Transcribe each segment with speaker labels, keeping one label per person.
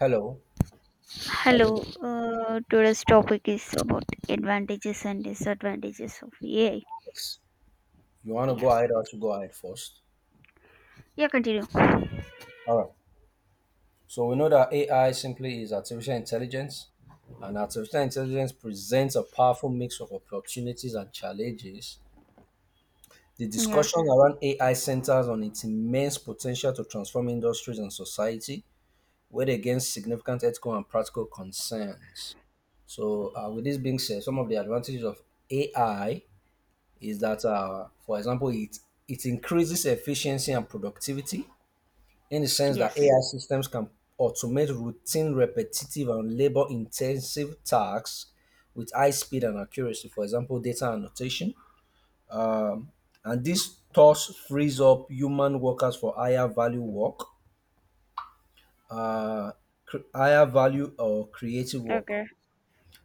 Speaker 1: Hello, how's it going?
Speaker 2: Hello, today's topic is about advantages and disadvantages of AI.
Speaker 1: Yes. You want to
Speaker 2: Yeah,
Speaker 1: go ahead or to go ahead first?
Speaker 2: yeah, continue.
Speaker 1: All right. So we know that AI simply is artificial intelligence, and artificial intelligence presents a powerful mix of opportunities and challenges. The
Speaker 2: Yeah,
Speaker 1: discussion around AI centers on its immense potential to transform industries and society, weighed against significant ethical and practical concerns. So, with this being said, some of the advantages of AI is that, for example, it increases efficiency and productivity in the sense that
Speaker 2: yes,
Speaker 1: AI systems can automate routine, repetitive, and labor intensive tasks with high speed and accuracy, for example, data annotation. Um, and this thus frees up human workers for higher value work, uh, higher value or creative work.
Speaker 2: okay.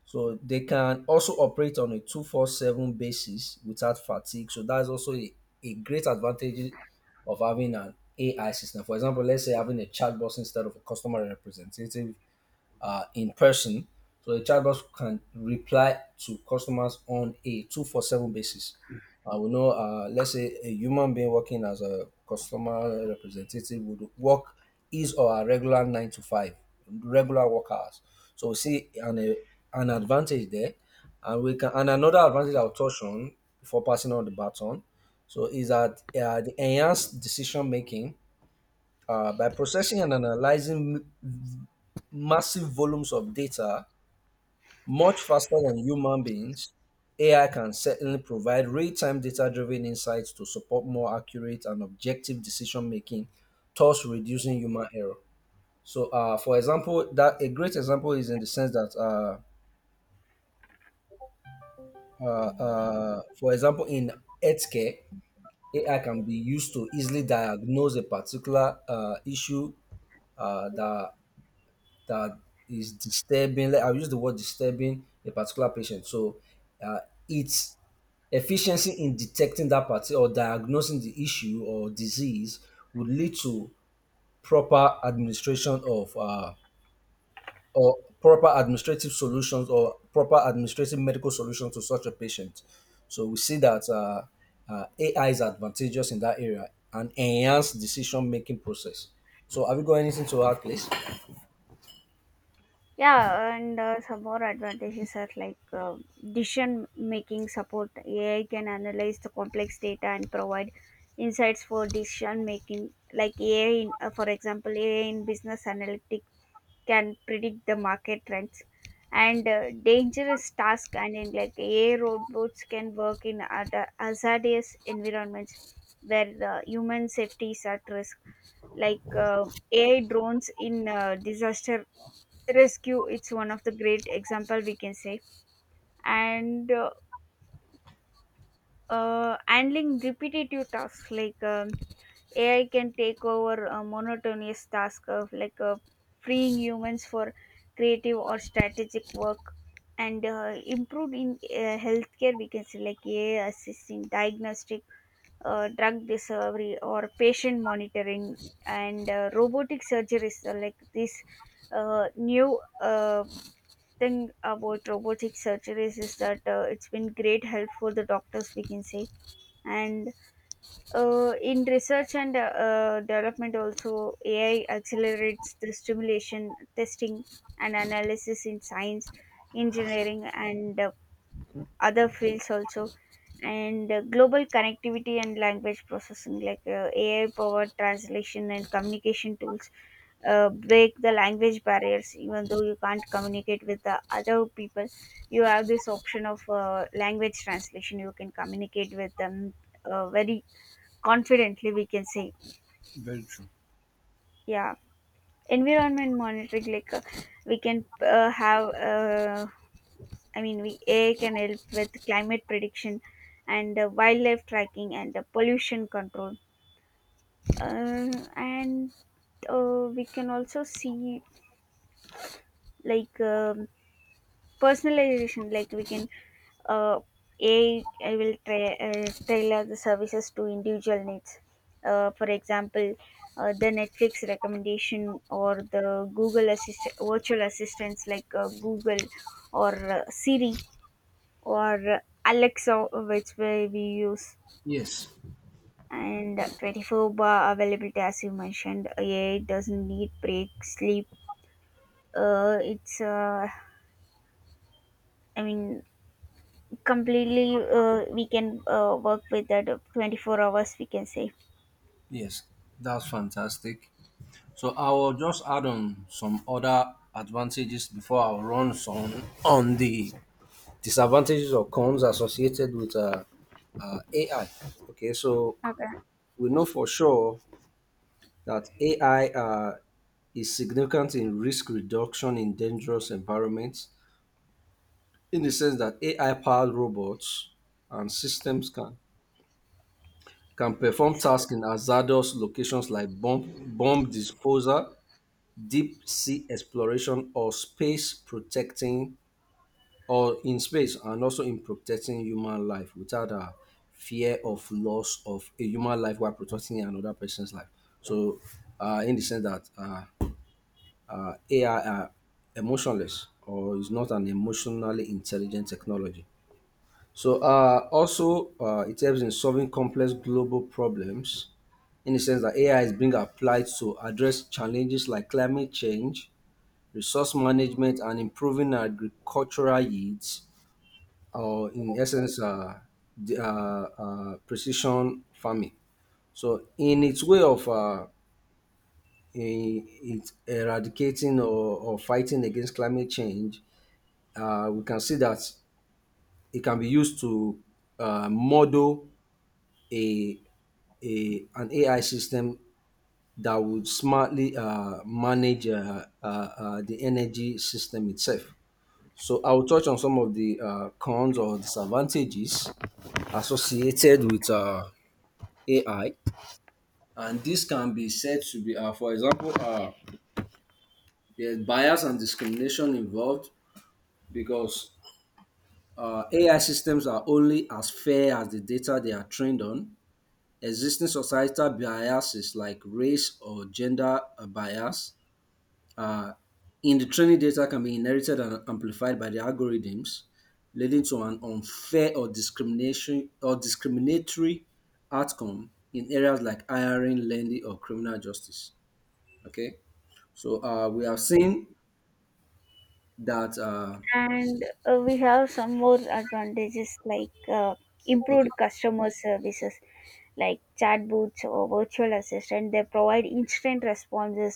Speaker 1: So they can also operate on a 24/7 basis without fatigue. So that's also a great advantage of having an AI system. For example, let's say having a chatbot instead of a customer representative in person. So the chatbot can reply to customers on a 24/7 basis. We know, let's say a human being working as a customer representative would work his or her regular 9 to 5, regular work hours. So we see an advantage there. And we can, and another advantage I'll touch on before passing on the baton. So is that the enhanced decision making by processing and analyzing m- massive volumes of data much faster than human beings, AI can certainly provide real time data driven insights to support more accurate and objective decision making, thus reducing human error. So, for example, that a great example is in the sense that, for example, in healthcare, AI can be used to easily diagnose a particular issue uh, that that is disturbing, like I'll use the word disturbing a particular patient. So uh, its efficiency in detecting that part or diagnosing the issue or disease would lead to proper administration of or proper administrative solutions or proper administrative medical solutions to such a patient. So we see that AI is advantageous in that area and enhance decision making process. So have you got anything to add, please?
Speaker 2: Yeah, and some more advantages are decision making support. AI can analyze the complex data and provide insights for decision making, like AI, for example, AI in business analytics can predict the market trends and dangerous task and in like AI robots can work in other hazardous environments where the human safety is at risk like uh, AI drones in disaster rescue, it's one of the great example we can say. And handling repetitive tasks AI can take over a monotonous task of freeing humans for creative or strategic work, and improved in healthcare we can say, like AI assisting diagnostic, drug discovery or patient monitoring, and robotic surgeries, like this new thing about robotic surgeries is that it's been great help for the doctors, we can say. And in research and development, also AI accelerates the stimulation, testing, and analysis in science, engineering, and other fields also. And global connectivity and language processing, AI-powered translation and communication tools, break the language barriers. Even though you can't communicate with the other people, you have this option of language translation. You can communicate with them very confidently, we can say.
Speaker 1: Very true.
Speaker 2: Yeah, environment monitoring we can have I mean we ai can help with climate prediction and wildlife tracking and pollution control, and we can also see like um, personalization like we can uh, AI tailor the services to individual needs. For example, the Netflix recommendation or the virtual assistants Google or Siri or Alexa, which way we use.
Speaker 1: Yes.
Speaker 2: And 24 bar availability, as you mentioned, AI doesn't need break, sleep. Uh, it's, uh, I mean, completely we can work with that 24 hours, we can say.
Speaker 1: Yes, that's fantastic. So I will just add on some other advantages before I run some on the disadvantages or cons associated with AI. Okay, so
Speaker 2: Okay.
Speaker 1: we know for sure that AI is significant in risk reduction in dangerous environments, in the sense that AI-powered robots and systems can perform
Speaker 2: Yes.
Speaker 1: tasks in hazardous locations like bomb disposal, deep sea exploration or space protecting or in space and also in protecting human life without a fear of loss of a human life while protecting another person's life. So, in the sense that AI are emotionless or is not an emotionally intelligent technology. So, it helps in solving complex global problems in the sense that AI is being applied to address challenges like climate change, resource management and improving agricultural yields or in essence precision farming. So in its way of it's eradicating or fighting against climate change, we can see that it can be used to model a, a an AI system that would smartly manage the energy system itself. So I'll touch on some of the cons or disadvantages associated with AI, and this can be said to be, uh, for example, there's bias and discrimination involved because AI systems are only as fair as the data they are trained on. Existing societal biases like race or gender bias Uh, in the training data can be inherited and amplified by the algorithms, leading to an unfair or discrimination or discriminatory outcome in areas like hiring, lending, or criminal justice. Okay, so we have
Speaker 2: Yes,
Speaker 1: seen that.
Speaker 2: and we have some more advantages
Speaker 1: Okay,
Speaker 2: improved customer services, like chatbots or virtual assistant, they provide instant responses,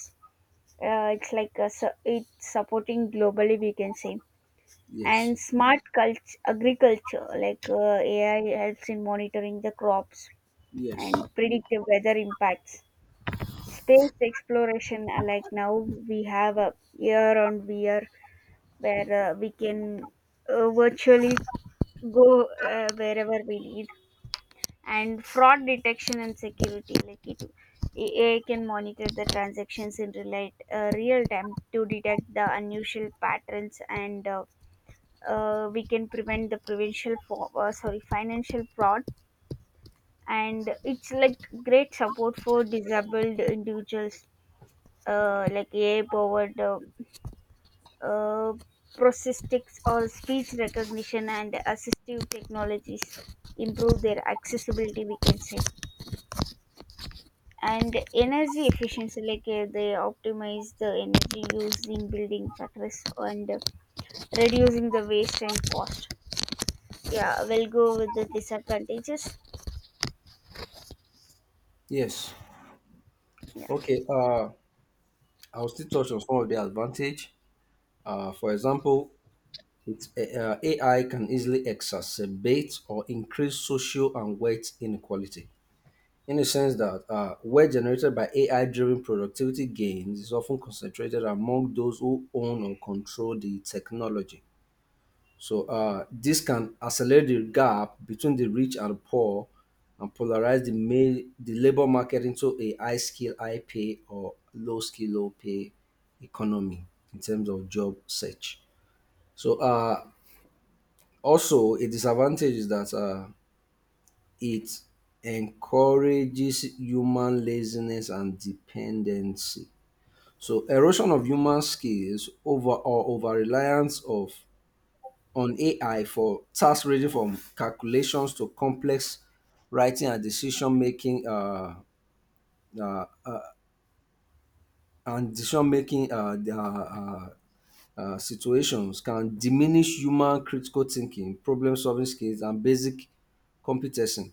Speaker 2: it's like it's supporting globally, we can say.
Speaker 1: yes,
Speaker 2: And smart culture agriculture ai helps in monitoring the crops
Speaker 1: yes,
Speaker 2: and predictive weather impacts, space exploration, like now we have a year on VR where we can virtually go wherever we need. And fraud detection and security, like it AI can monitor the transactions in real time to detect the unusual patterns, and we can prevent the provincial for, sorry financial fraud. And it's like great support for disabled individuals, like AI powered uh, prosthetics or speech recognition and assistive technologies improve their accessibility, we can say. And energy efficiency, they optimize the energy used in building factories and reducing the waste and cost. Yeah, we'll go with the disadvantages.
Speaker 1: yes.
Speaker 2: Yeah,
Speaker 1: Okay, I'll still touch on some of the advantage. For example, AI can easily exacerbate or increase social and wealth inequality in the sense that wealth generated by AI driven productivity gains is often concentrated among those who own or control the technology. So, this can accelerate the gap between the rich and the poor and polarize the labor market into a high skill, high pay, or low skill, low pay economy in terms of job search. So, a disadvantage is that it encourages human laziness and dependency. So erosion of human skills over or over reliance of on AI for tasks ranging from calculations to complex writing uh, uh, and decision making the, situations can diminish human critical thinking, problem solving skills, and basic competency,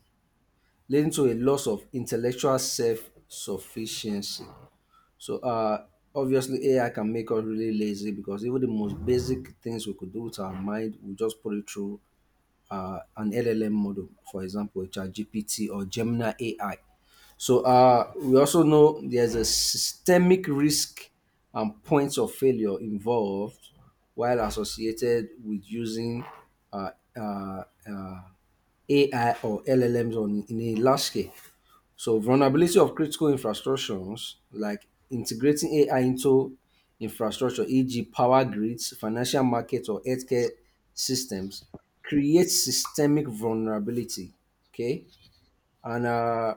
Speaker 1: leading to a loss of intellectual self-sufficiency. So obviously AI can make us really lazy because even the most basic things we could do with our mind, we just put it through an LLM model, for example, ChatGPT or Gemini AI. So we also know there's a systemic risk and points of failure involved while associated with using uh, uh, uh, AI or LLMs on in a large scale. So vulnerability of critical infrastructures like integrating AI into infrastructure, e.g. power grids, financial markets or healthcare systems creates systemic vulnerability. Okay. And, uh,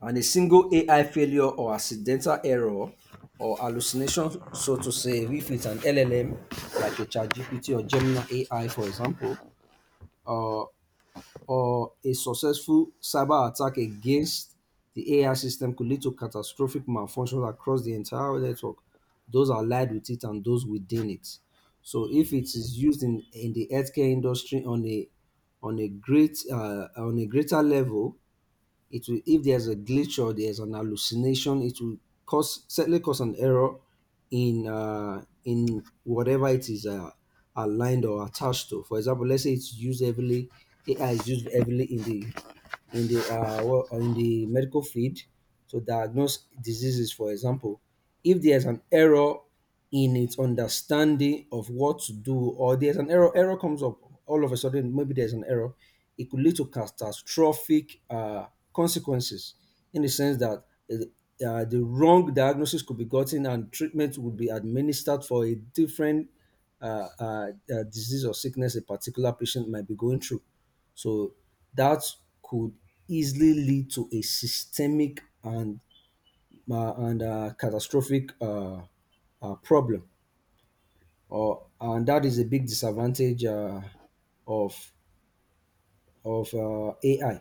Speaker 1: and a single AI failure or accidental error or hallucination, so to say, if it's an LLM like a ChatGPT or Gemini AI, for example, uh, or a successful cyber attack against the AI system could lead to catastrophic malfunction across the entire network, those allied with it and those within it. So if it is used in the healthcare industry on a great on a greater level, it will, if there's a glitch or there's an hallucination, it will cause, certainly cause an error in whatever it is aligned or attached to. For example, let's say it's used heavily, AI is used heavily in the in the in the medical field to diagnose diseases. For example, if there's an error in its understanding of what to do or there's an error comes up all of a sudden, maybe there's an error, it could lead to catastrophic consequences, in the sense that the wrong diagnosis could be gotten and treatment would be administered for a different uh, uh, disease or sickness a particular patient might be going through. So that could easily lead to a systemic and catastrophic problem, or and that is a big disadvantage of of AI.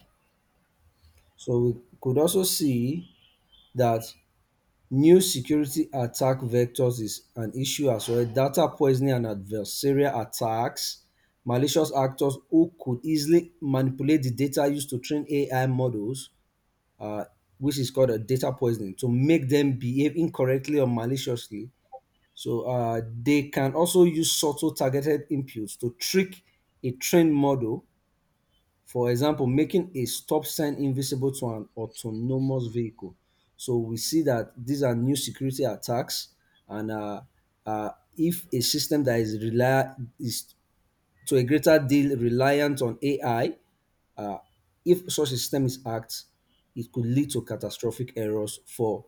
Speaker 1: So we could also see that new security attack vectors is an issue as well. Data poisoning and adversarial attacks, malicious actors who could easily manipulate the data used to train AI models, uh, which is called a data poisoning, to make them behave incorrectly or maliciously. So they can also use subtle targeted inputs to trick a trained model, for example, making a stop sign invisible to an autonomous vehicle. So we see that these are new security attacks, and uh, if a system that is to a greater deal reliant on AI, uh, if such a system is hacked, it could lead to catastrophic errors for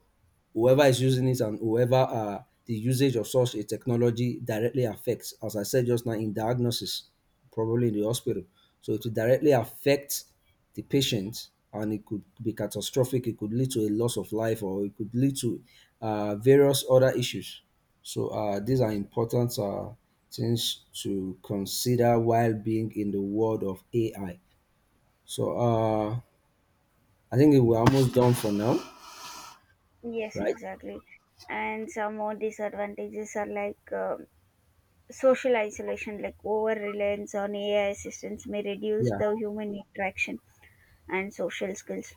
Speaker 1: whoever is using it and whoever the usage of such a technology directly affects. As I said just now, in diagnosis, probably in the hospital. So it will directly affect the patient and it could be catastrophic. It could lead to a loss of life or it could lead to various other issues. So these are important things to consider while being in the world of AI. So I think we're almost done for now,
Speaker 2: yes,
Speaker 1: right?
Speaker 2: exactly. And some more disadvantages are social isolation, like over reliance on ai assistance may reduce
Speaker 1: Yeah.
Speaker 2: the human interaction and social skills.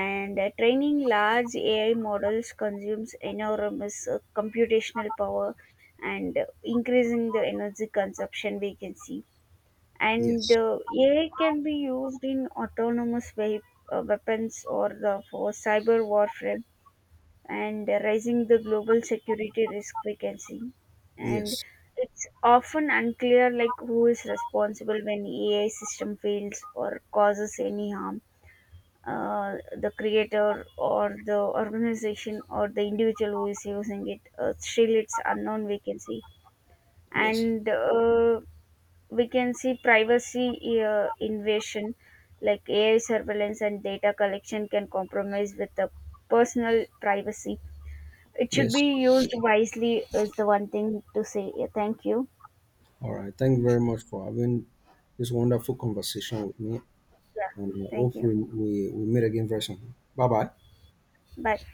Speaker 2: And training large AI models consumes enormous computational power and increasing the energy consumption, we can see. And
Speaker 1: Yes.
Speaker 2: AI can be used in weapons or the, for cyber warfare, and raising the global security risk, we can see. And
Speaker 1: Yes.
Speaker 2: it's often unclear like who is responsible when AI system fails or causes any harm, uh, the creator or the organization or the individual who is using it, still it's unknown vacancy.
Speaker 1: Yes.
Speaker 2: And we can see privacy invasion, like ai surveillance and data collection can compromise with the personal privacy. It should
Speaker 1: Yes.
Speaker 2: be used wisely is the one thing to say. Yeah, thank you.
Speaker 1: All right. Thank you very much for having this wonderful conversation with me,
Speaker 2: Yeah,
Speaker 1: and I
Speaker 2: thank
Speaker 1: hope
Speaker 2: you.
Speaker 1: meet again very soon. Bye bye.
Speaker 2: Bye.